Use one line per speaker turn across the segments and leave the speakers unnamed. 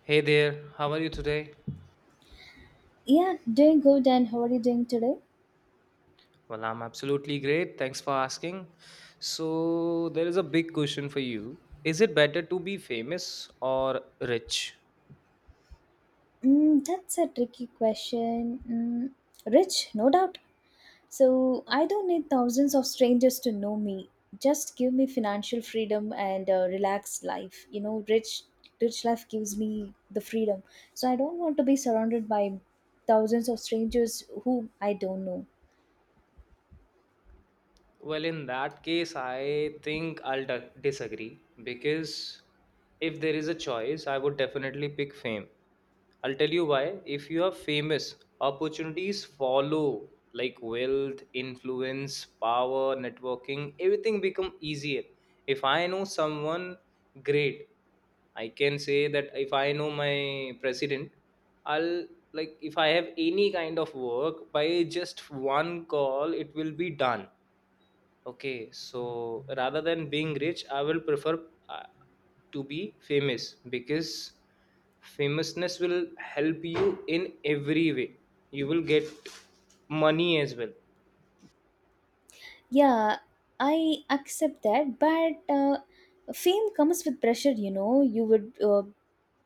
Hey there, how are you today?
Yeah, doing good. And how are you doing today?
Well, I'm absolutely great. Thanks for asking. So, there is a big question for you. Is it better to be famous or rich?
Mm, that's a tricky question. Mm, rich, no doubt. So I don't need thousands of strangers to know me. Just give me financial freedom and a relaxed life. Rich, rich life gives me the freedom. So I don't want to be surrounded by thousands of strangers whom I don't know.
Well, in that case, I think disagree because if there is a choice, I would definitely pick fame. I'll tell you why. If you are famous, opportunities follow like wealth, influence, power, networking, everything become easier. If I know someone great, I can say that if I know my president, I'll like if I have any kind of work by just one call, it will be done. Okay, so rather than being rich, I will prefer to be famous because famousness will help you in every way. You will get money as well.
Yeah, I accept that, but fame comes with pressure. You know, you would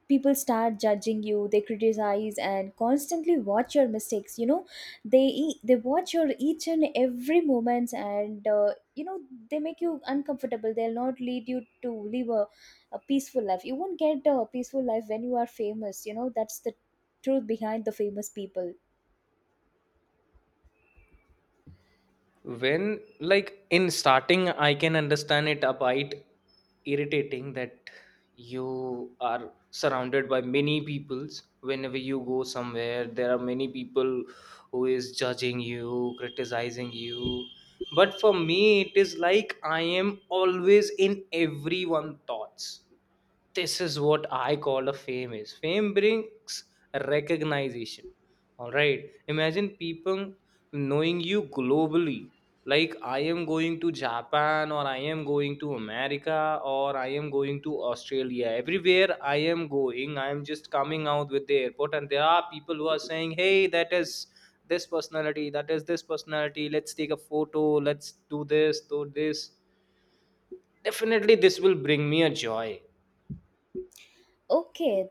people start judging you, they criticize and constantly watch your mistakes. They watch your each and every moments, and they make you uncomfortable, they'll not lead you to live a peaceful life. You won't get a peaceful life when you are famous, you know that's the truth behind the famous people.
When like in starting I can understand it a bit irritating that you are surrounded by many peoples. Whenever you go somewhere there are many people who is judging you, criticizing you, but for me it is like I am always in everyone thoughts. This is what I call a fame is, fame brings recognition. All right, imagine people knowing you globally. Like I am going to Japan or I am going to America or I am going to Australia, everywhere I am going, I am just coming out with the airport and there are people who are saying, hey, that is this personality, that is this personality, let's take a photo, let's do this, do this. Definitely this will bring me a joy.
Okay,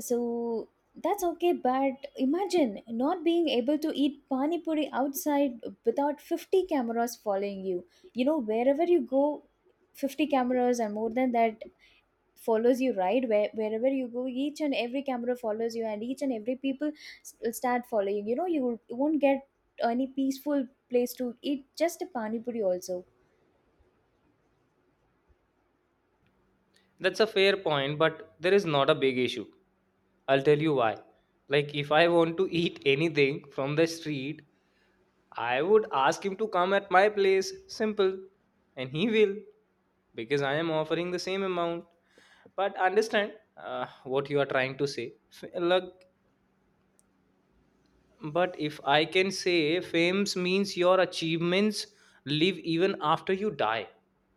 so that's okay, but imagine not being able to eat pani puri outside without 50 cameras following you, you know, wherever you go, 50 cameras and more than that follows you, right? Wherever you go, each and every camera follows you, and each and every people will start following, you know, you won't get any peaceful place to eat just a pani puri also.
That's a fair point, but there is not a big issue. I'll tell you why. Like, if I want to eat anything from the street, I would ask him to come at my place, simple, and he will because I am offering the same amount. But understand what you are trying to say. Look, but if I can say fame means your achievements live even after you die,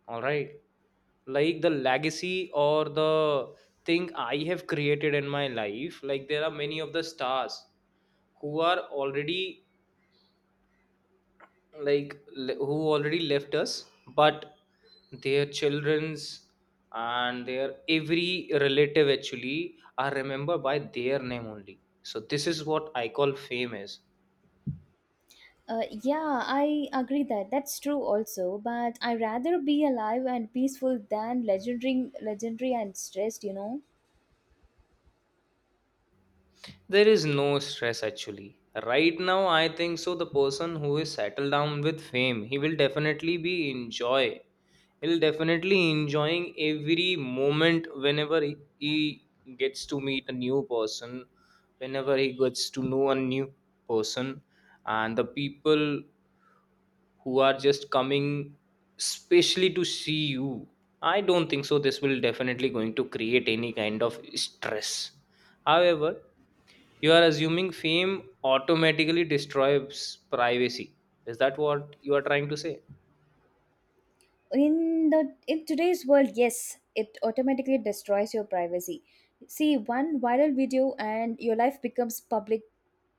all right? Like the legacy or the thing I have created in my life, like there are many of the stars who are already who already left us, but their children's and their every relative actually are remembered by their name only. So this is what I call fame is.
Yeah, I agree that that's true also. But I rather be alive and peaceful than legendary, legendary and stressed. You know,
There is no stress actually right now, I think so. The person who is settled down with fame, he will definitely be enjoy, he'll definitely enjoying every moment whenever he gets to meet a new person, whenever he gets to know a new person and the people who are just coming specially to see you. I don't think so this will definitely going to create any kind of stress. However, you are assuming fame automatically destroys privacy. Is that what you are trying to say?
in today's world, yes, it automatically destroys your privacy. See, one viral video and your life becomes public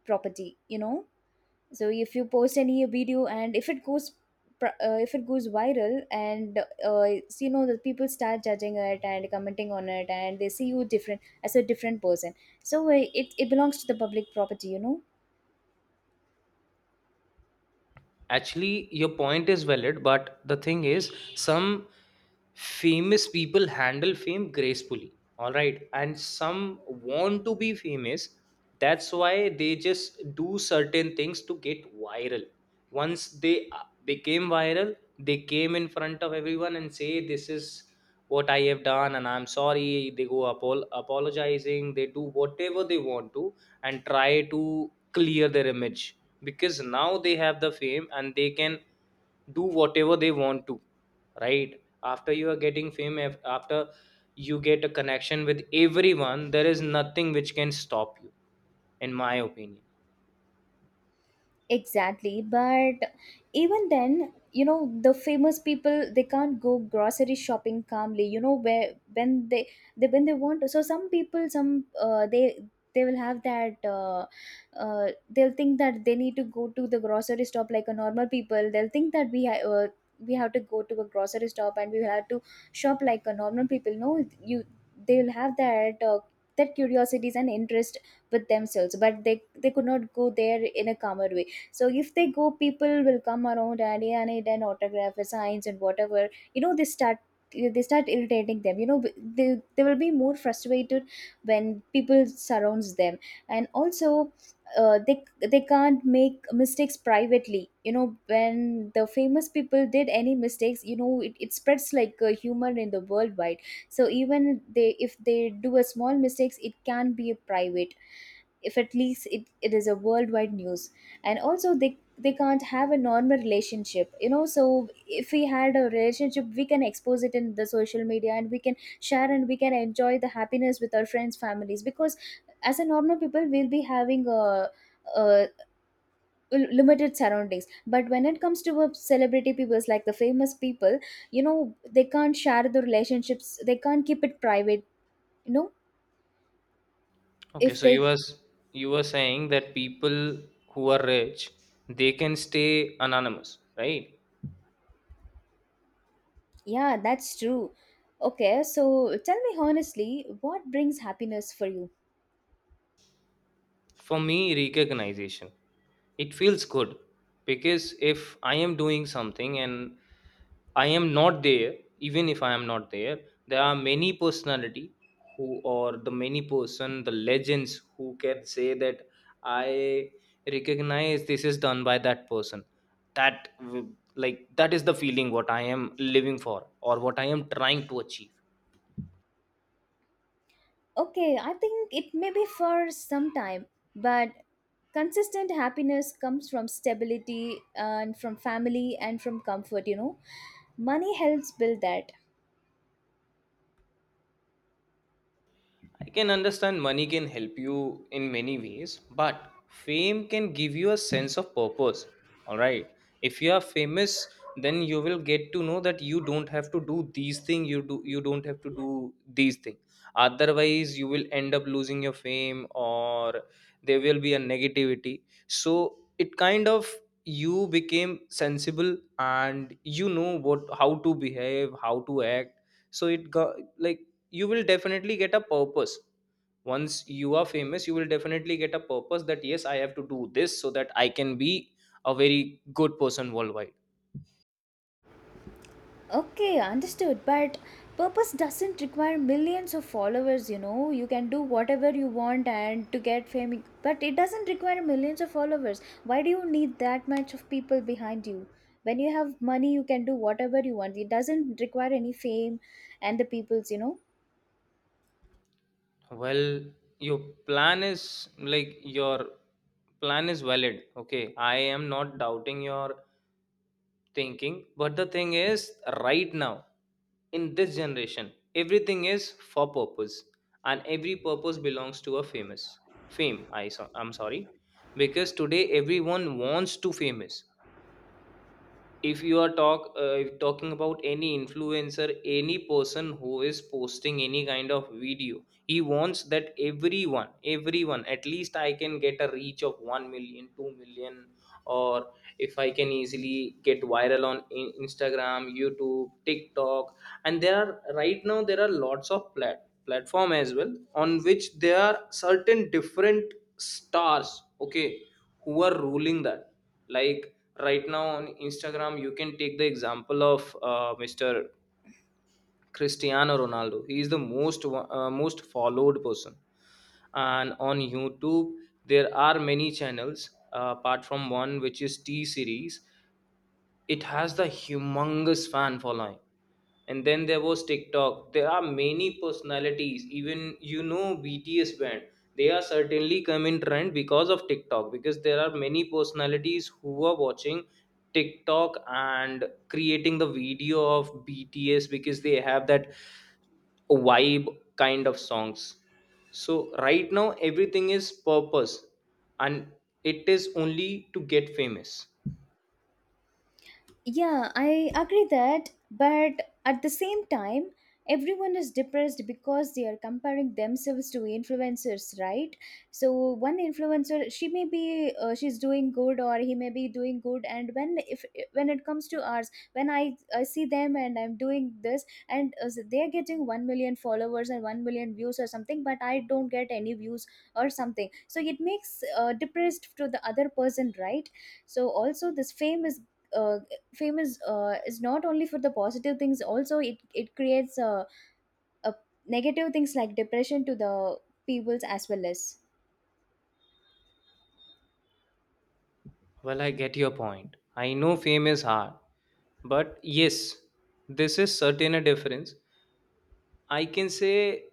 property. You know, so if you post any video and if it goes if it goes viral, and it's, you know, the people start judging it and commenting on it, and they see you different as a different person. So it, it belongs to the public property, you know.
Actually, your point is valid, but the thing is, some famous people handle fame gracefully, all right? And some want to be famous. That's why they just do certain things to get viral. Once they became viral, they came in front of everyone and say, this is what I have done, and I'm sorry. They go apologizing, they do whatever they want to, and try to clear their image because now they have the fame and they can do whatever they want to. Right after you are getting fame, after you get a connection with everyone, there is nothing which can stop you, in my opinion.
Exactly, but even then, you know, the famous people they can't go grocery shopping calmly. You know, where when they when they want to. So some people, some they will have that. They'll think that they need to go to the grocery shop like a normal people. They'll think that we have to go to a grocery shop and we will have to shop like a normal people. No, you they will have that. That curiosities and interest with themselves, but they could not go there in a calmer way. So if they go, people will come around and, yeah, I need an autograph, a signs, and whatever. You know, they start, they start irritating them. You know, they will be more frustrated when people surrounds them, and also. They can't make mistakes privately, you know when the famous people did any mistakes, you know, it spreads like a humor in the worldwide. So even they if they do a small mistakes, it can be private. If at least it, it is a worldwide news. And also they can't have a normal relationship, you know, so if we had a relationship we can expose it in the social media, and we can share and we can enjoy the happiness with our friends families. Because as a normal people we'll be having a limited surroundings, but when it comes to a celebrity people like the famous people, you know they can't share the relationships, they can't keep it private, you know
Okay,
if
so you
they.
was, you were saying that people who are rich, they can stay anonymous, right?
Yeah, that's true. Okay, so tell me honestly, what brings happiness for you?
For me, recognition. It feels good because if I am doing something and I am not there, even if I am not there, there are many personality who, or the many person, the legends, who can say that I recognize this is done by that person. Like that is the feeling what I am living for or what I am trying to achieve.
Okay, I think it may be for some time, but consistent happiness comes from stability and from family and from comfort, you know. Money helps build that.
I can understand money can help you in many ways, but fame can give you a sense of purpose. All right. If you are famous, then you will get to know that you don't have to do these things, you do you don't have to do these things. Otherwise, you will end up losing your fame or there will be a negativity. So it kind of you became sensible and you know what how to behave, how to act. So it got like you will definitely get a purpose. Once you are famous, you will definitely get a purpose that yes, I have to do this so that I can be a very good person worldwide.
Okay, understood. But purpose doesn't require millions of followers, you know. You can do whatever you want and to get fame, but it doesn't require millions of followers. Why do you need that much of people behind you? When you have money, you can do whatever you want. It doesn't require any fame and the people's, you know.
Well, your plan is like your plan is valid, okay? I am not doubting your thinking, but the thing is, right now in this generation everything is for purpose and every purpose belongs to a famous, fame, I, so, I'm sorry, because today everyone wants to famous. If you are talk if talking about any influencer, any person who is posting any kind of video, he wants that everyone, everyone, at least I can get a reach of 1 million, 2 million, or if I can easily get viral on Instagram, YouTube, TikTok. And there are right now there are lots of platform as well, on which there are certain different stars, okay, who are ruling that. Like right now on Instagram, you can take the example of Mr. Cristiano Ronaldo. He is the most followed person. And on YouTube there are many channels apart from one which is T Series. It has the humongous fan following. And then there was TikTok. There are many personalities. Even you know BTS band. They are certainly come in trend because of TikTok. Because there are many personalities who are watching TikTok and creating the video of BTS because they have that vibe kind of songs. So right now everything is purpose and it is only to get famous.
Yeah, I agree that, but at the same time, everyone is depressed because they are comparing themselves to influencers, right? So one influencer, she may be she's doing good, or he may be doing good, and when if when it comes to ours, when I see them and I'm doing this, and so they're getting 1 million followers and 1 million views or something, but I don't get any views or something. So it makes depressed to the other person, right? So also this fame is uh, famous is not only for the positive things, also it creates a negative things like depression to the peoples as well as.
Well, I get your point. I know fame is hard. But yes, this is certain a difference. I can say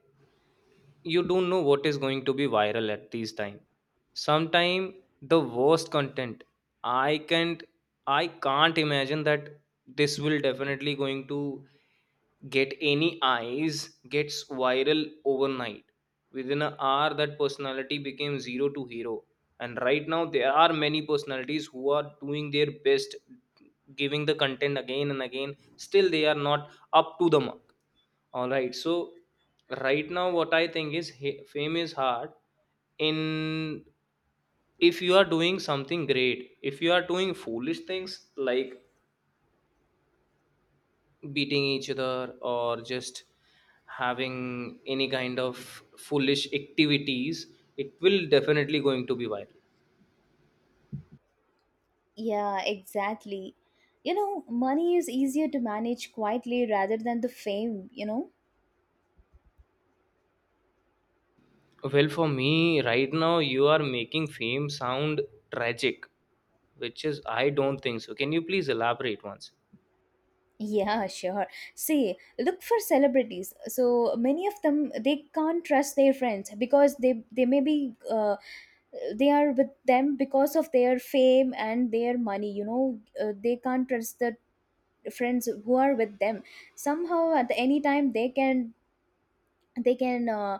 you don't know what is going to be viral at this time. Sometime the worst content, i can't I can't imagine that this will definitely going to get any eyes, gets viral overnight. Within an hour that personality became zero to hero. And right now there are many personalities who are doing their best, giving the content again and again, still they are not up to the mark, all right? So right now, what I think is fame is hard in if you are doing something great. If you are doing foolish things like beating each other or just having any kind of foolish activities, it will definitely going to be viral.
Yeah, exactly. You know, money is easier to manage quietly rather than the fame, you know.
Well, for me right now, you are making fame sound tragic, which is I don't think so. Can you please elaborate once?
Yeah, sure. See, look, for celebrities, so many of them they can't trust their friends, because they may be they are with them because of their fame and their money, you know. They can't trust the friends who are with them. Somehow at any time they can, they can uh,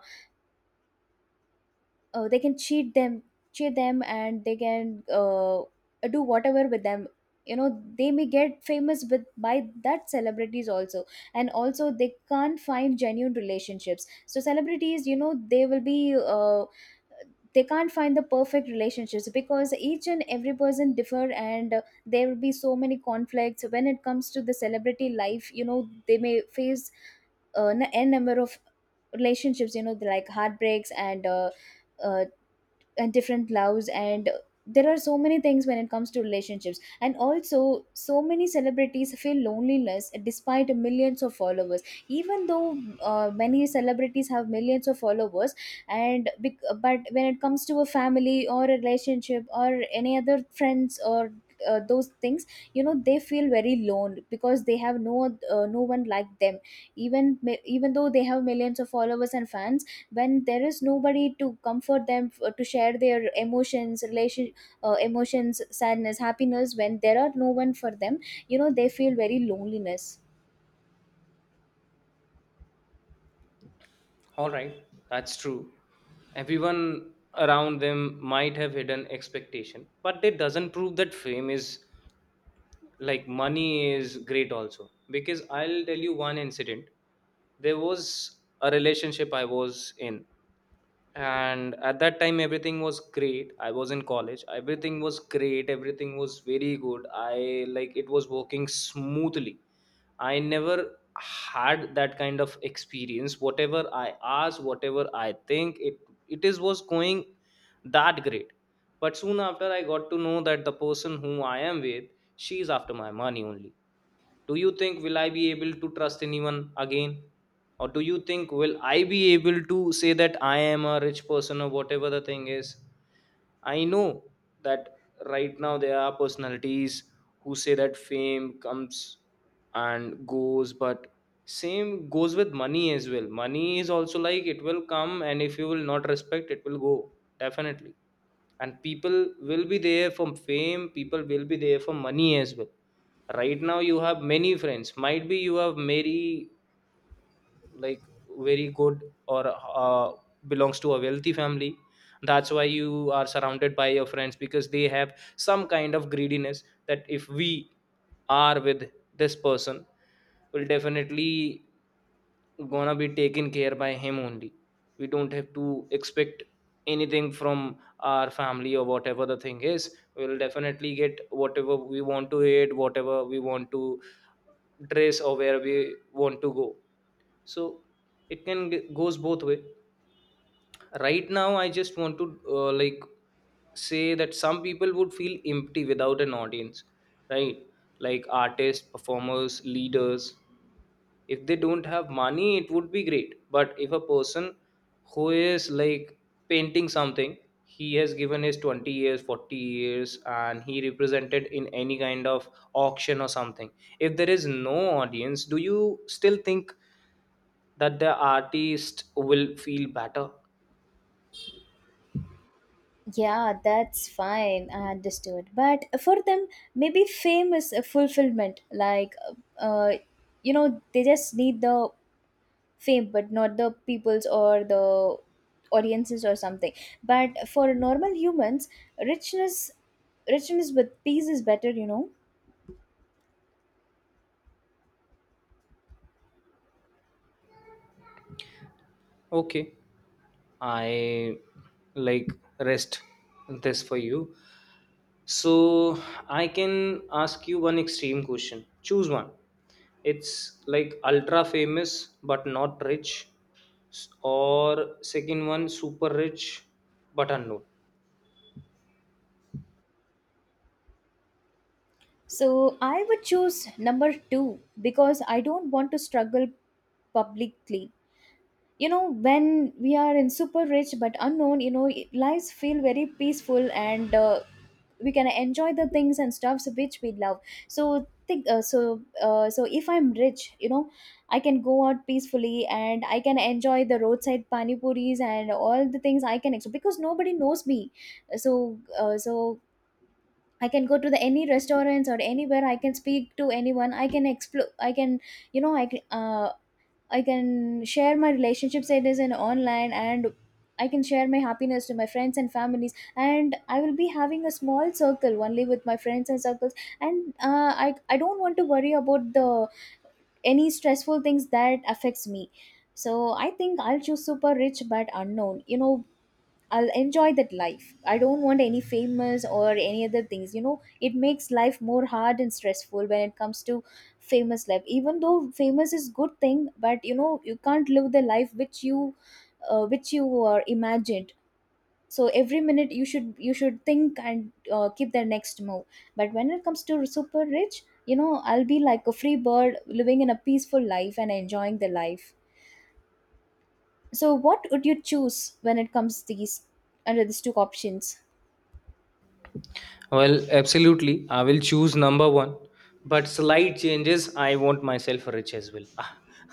uh, they can cheat them, cheat them, and they can do whatever with them. You know, they may get famous with by that celebrities also. And also they can't find genuine relationships. So celebrities, you know, they will be they can't find the perfect relationships because each and every person differ, and there will be so many conflicts when it comes to the celebrity life. You know, they may face n n number of relationships, you know, like heartbreaks uh, and different loves, and there are so many things when it comes to relationships. And also so many celebrities feel loneliness despite millions of followers. Even though many celebrities have millions of followers, and but when it comes to a family or a relationship or any other friends or those things, you know they feel very lone, because they have no no one like them. Even even though they have millions of followers and fans, when there is nobody to comfort them to share their emotions, relation, emotions, sadness, happiness, when there are no one for them, you know, they feel very loneliness.
All right, that's true. Everyone around them might have hidden expectation, but it doesn't prove that fame is like money is great also. Because I'll tell you one incident. There was a relationship I was in, and at that time everything was great. I was in college. Everything was great. Everything was very good. I like it was working smoothly. I never had that kind of experience. Whatever I asked, whatever I think, it is was going that great. But soon after, I got to know that the person whom I am with, she is after my money only. Do you think will I be able to trust anyone again? Or do you think will I be able to say that I am a rich person or whatever the thing is? I know that right now there are personalities who say that fame comes and goes, but same goes with money as well. Money is also like it will come, and if you will not respect, it will go definitely. And people will be there for fame, people will be there for money as well. Right now, you have many friends. Might be you have many, like, very good or belongs to a wealthy family. That's why you are surrounded by your friends, because they have some kind of greediness that if we are with this person we will definitely gonna be taken care by him only. We don't have to expect anything from our family or whatever the thing is. We'll definitely get whatever we want to eat, whatever we want to dress, or where we want to go. So it goes both way. Right now I just want to like say that some people would feel empty without an audience, right? Like artists, performers, leaders. If they don't have money it would be great, but if a person who is like painting something, he has given his 20 years, 40 years, and he represented in any kind of auction or something, if there is no audience, do you still think that the artist will feel better?
Yeah, that's fine, I understood, but for them maybe fame is a fulfillment, like uh, you know they just need the fame but not the people's or the audiences or something. But for normal humans, richness, richness with peace is better, you know.
Okay. I like rest this for you. So I can ask you one extreme question, choose one. It's like ultra famous but not rich, or second one super rich but unknown.
So I would choose number two because I don't want to struggle publicly. You know, when we are in super rich but unknown, you know, it- lives feel very peaceful, and we can enjoy the things and stuffs which we love. So think so if I'm rich, you know, I can go out peacefully and I can enjoy the roadside pani puris and all the things I can explore because nobody knows me. So I can go to the any restaurants or anywhere, I can speak to anyone, I can explore, I can, you know, I can share my relationship status in online, and I can share my happiness to my friends and families. And I will be having a small circle only with my friends and circles. And I don't want to worry about the any stressful things that affects me. So I think I'll choose super rich but unknown, you know. I'll enjoy that life. I don't want any famous or any other things. You know, it makes life more hard and stressful when it comes to famous life. Even though famous is good thing, but you know, you can't live the life which you are imagined. So every minute you should think and keep the next move. But when it comes to super rich, you know, I'll be like a free bird living in a peaceful life and enjoying the life. So what would you choose when it comes to these under these two options?
Well, absolutely. I will choose number one, but slight changes. I want myself rich as well.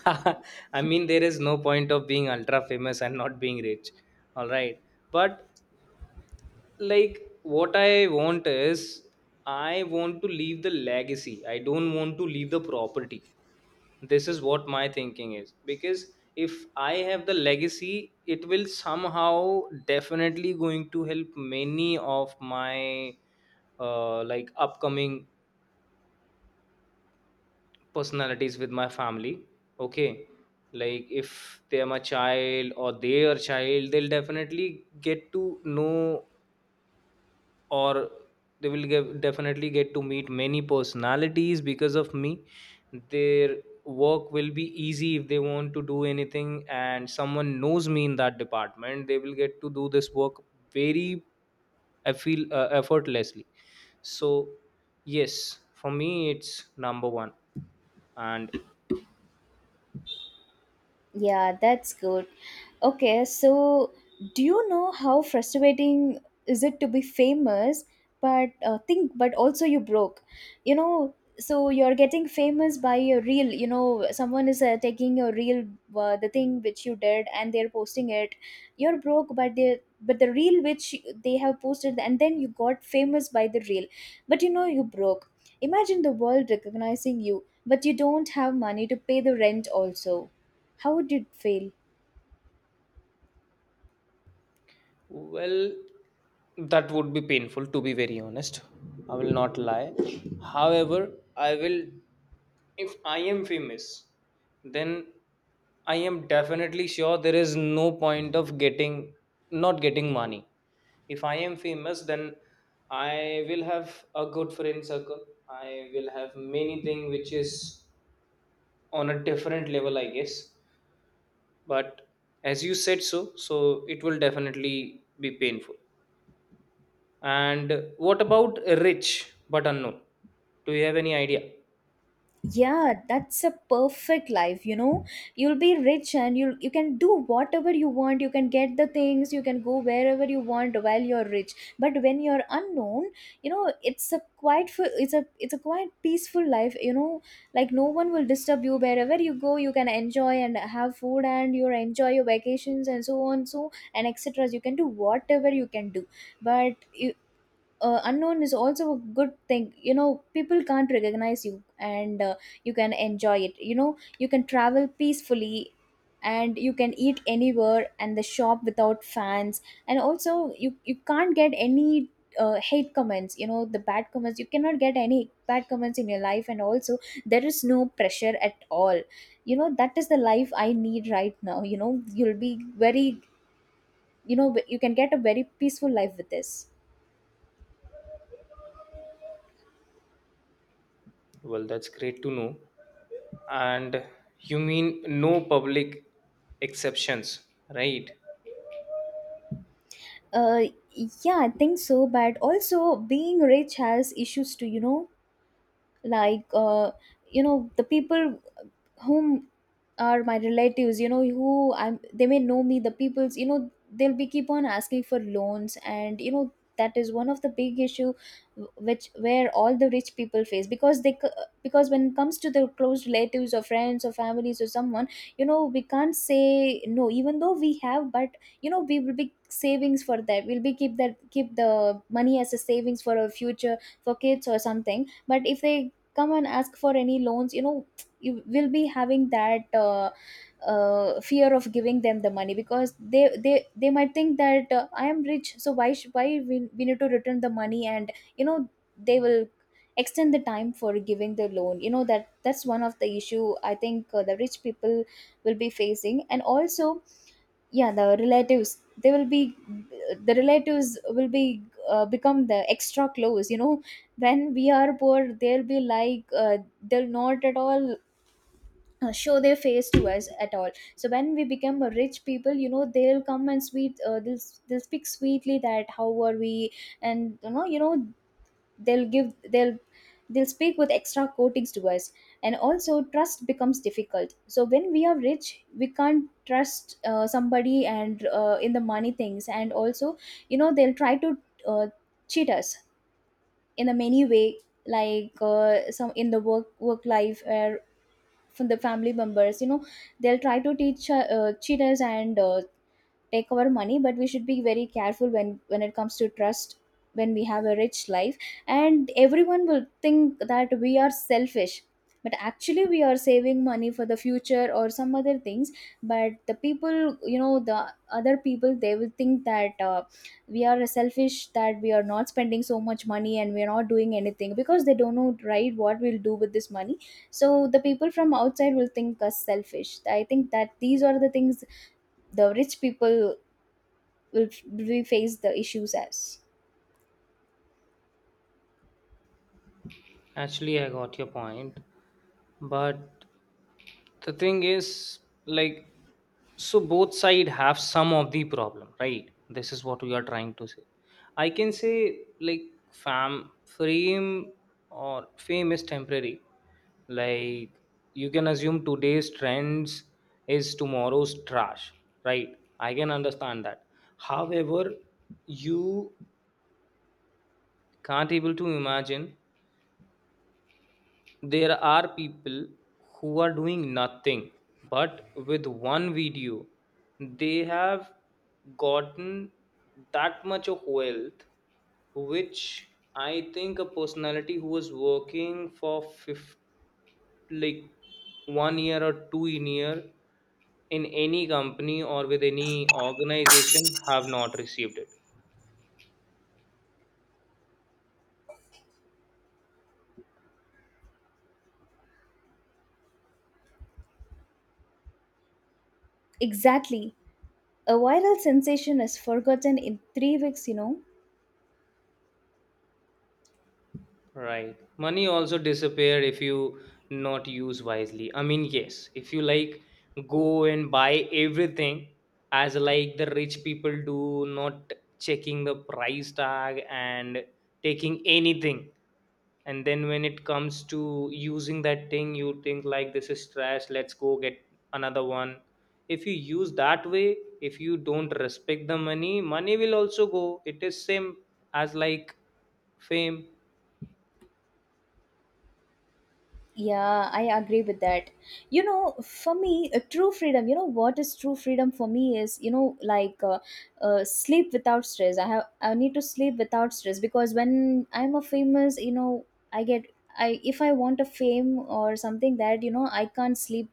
I mean, there is no point of being ultra famous and not being rich. All right. But, like, what I want is I want to leave the legacy. I don't want to leave the property. This is what my thinking is, because if I have the legacy it will somehow definitely going to help many of my like upcoming personalities with my family. Okay. Like if they are my child or their child, they'll definitely get to know, or they will get, definitely get to meet many personalities because of me. Their work will be easy. If they want to do anything and someone knows me in that department, they will get to do this work very, I feel, effortlessly. So yes, for me it's number 1. And
Yeah, that's good. Okay, so do you know how frustrating is it to be famous, but but also you broke? You know, so you're getting famous by a reel. You know, someone is taking your reel, the thing which you did, and they're posting it. You're broke, but they but the reel which they have posted, and then you got famous by the reel. But you know, you broke. Imagine the world recognizing you, but you don't have money to pay the rent also. How would you feel?
well, that would be painful, to be very honest. I will not lie. However, I will, if I am famous, then I am definitely sure there is no point of getting, not getting money. If I am famous, then I will have a good friend circle. I will have many things which is on a different level, I guess. But as you said so, so it will definitely be painful. And what about rich but unknown? Do you have any idea?
Yeah, that's a perfect life, you know. You'll be rich and you can do whatever you want. You can get the things, you can go wherever you want while you're rich. But when you're unknown, you know, it's a quite it's a quite peaceful life, you know. Like no one will disturb you wherever you go. You can enjoy and have food and you enjoy your vacations and so on so and etc. You can do whatever you can do. But unknown is also a good thing, you know, people can't recognize you, and you can enjoy it, you know, you can travel peacefully, and you can eat anywhere and the shop without fans. And also you can't get any hate comments, you know, the bad comments, you cannot get any bad comments in your life. And also there is no pressure at all, you know, that is the life I need right now, you know. You'll be very, you know, you can get a very peaceful life with this.
Well, that's great to know. And you mean no public exceptions, right?
Uh, yeah, I think so. But also, being rich has issues too. You know, like you know, the people whom are my relatives, you know, who I'm, they may know me, the people's, you know, they'll be keep on asking for loans, and you know, that is one of the big issue, which where all the rich people face, because they because when it comes to the close relatives or friends or families or someone, you know, we can't say no, even though we have. But you know, we will be savings for that, we'll be keep that, keep the money as a savings for our future, for kids or something. But if they come and ask for any loans, you know, you will be having that fear of giving them the money, because they might think that I am rich, so why we need to return the money. And you know, they will extend the time for giving the loan, you know. That's one of the issue, I think the rich people will be facing. And also, yeah, the relatives, they will be, the relatives will be, become the extra close, you know. When we are poor, they'll be like they'll not at all show their face to us at all. So when we become a rich people, you know, they'll come and sweet, they'll speak sweetly that how are we. And you know, they'll give, they'll speak with extra coatings to us. And also trust becomes difficult, so when we are rich we can't trust somebody, and in the money things. And also you know, they'll try to uh, cheat us in a many way, like some in the work life, or from the family members, you know, they'll try to teach, cheaters, and take our money. But we should be very careful when it comes to trust, when we have a rich life. And everyone will think that we are selfish, but actually we are saving money for the future or some other things. But the people, you know, the other people, they will think that we are selfish, that we are not spending so much money and we are not doing anything, because they don't know, right, what we'll do with this money. So the people from outside will think us selfish. I think that these are the things the rich people will we face the issues as.
Actually, I got your point, but the thing is, like, so both side have some of the problem, right? This is what we are trying to say. I can say like fame, or fame is temporary. Like, you can assume today's trends is tomorrow's trash, right? I can understand that. However, you can't able to imagine, there are people who are doing nothing, but with one video, they have gotten that much of wealth, which I think a personality who was working for fifth, like 1 year or two in year in any company or with any organization have not received it.
Exactly. A viral sensation is forgotten in 3 weeks, you know.
Right. Money also disappear if you not use wisely. I mean, yes, if you like go and buy everything as like the rich people do, not checking the price tag and taking anything, and then when it comes to using that thing, you think like this is trash, let's go get another one. If you use that way, if you don't respect the money, money will also go. It is same as like fame.
Yeah, I agree with that. You know, for me, a true freedom, you know, what is true freedom for me is, you know, sleep without stress. I have, I need to sleep without stress, because when I'm a famous, you know, I get, I, if I want a fame or something that, you know, I can't sleep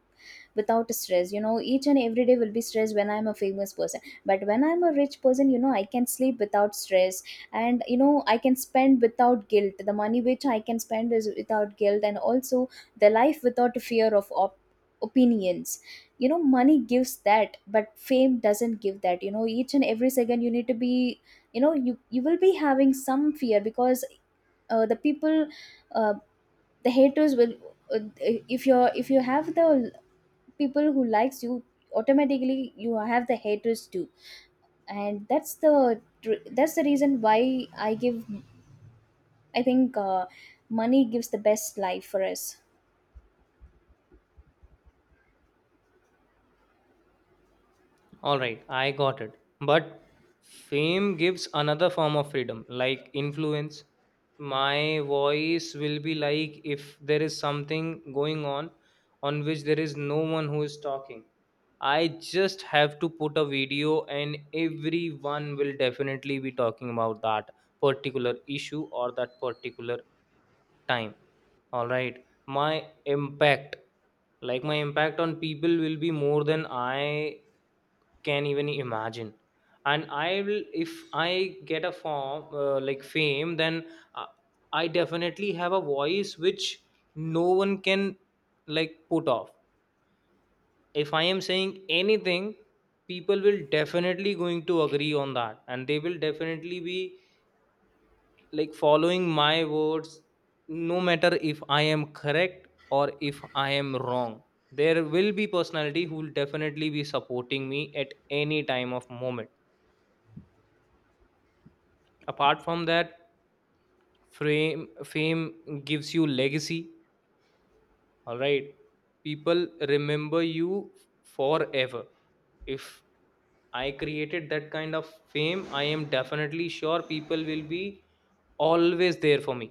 without stress. You know, each and every day will be stress when I'm a famous person. But when I'm a rich person, you know, I can sleep without stress. And you know, I can spend without guilt, the money which I can spend is without guilt. And also the life without fear of opinions, you know, money gives that but fame doesn't give that. You know, each and every second you need to be, you know, you will be having some fear, because the people, uh, the haters will, uh, if you're if you have the people who likes you, automatically you have the haters too. And that's the reason why I give, I think money gives the best life for us.
All right, I got it. But fame gives another form of freedom, like influence. My voice will be like if there is something going on which there is no one who is talking, I just have to put a video, and everyone will definitely be talking about that particular issue or that particular time. All right. My impact, like my impact on people will be more than I can even imagine. And I will, if I get a form, like fame, then uh, I definitely have a voice which no one can like put off. If I am saying anything, people will definitely going to agree on that, and they will definitely be like following my words, no matter if I am correct or if I am wrong. There will be personality who will definitely be supporting me at any time of moment. Apart from that, fame gives you legacy. All right. People remember you forever. If I created that kind of fame, I am definitely sure people will be always there for me.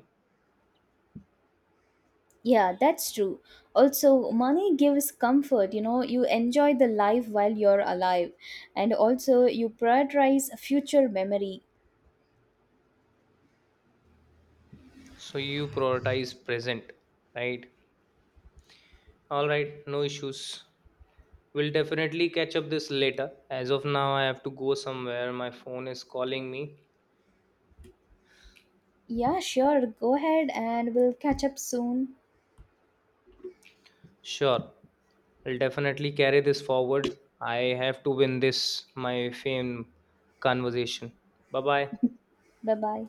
Yeah, that's true. Also money gives comfort, you know, you enjoy the life while you're alive. And also you prioritize future memory.
So you prioritize present, right? All right, no issues. We'll definitely catch up this later. As of now, I have to go somewhere. My phone is calling me.
Yeah, sure, go ahead and we'll catch up soon.
Sure, I'll definitely carry this forward. I have to win this, my fame conversation. Bye bye.
Bye bye.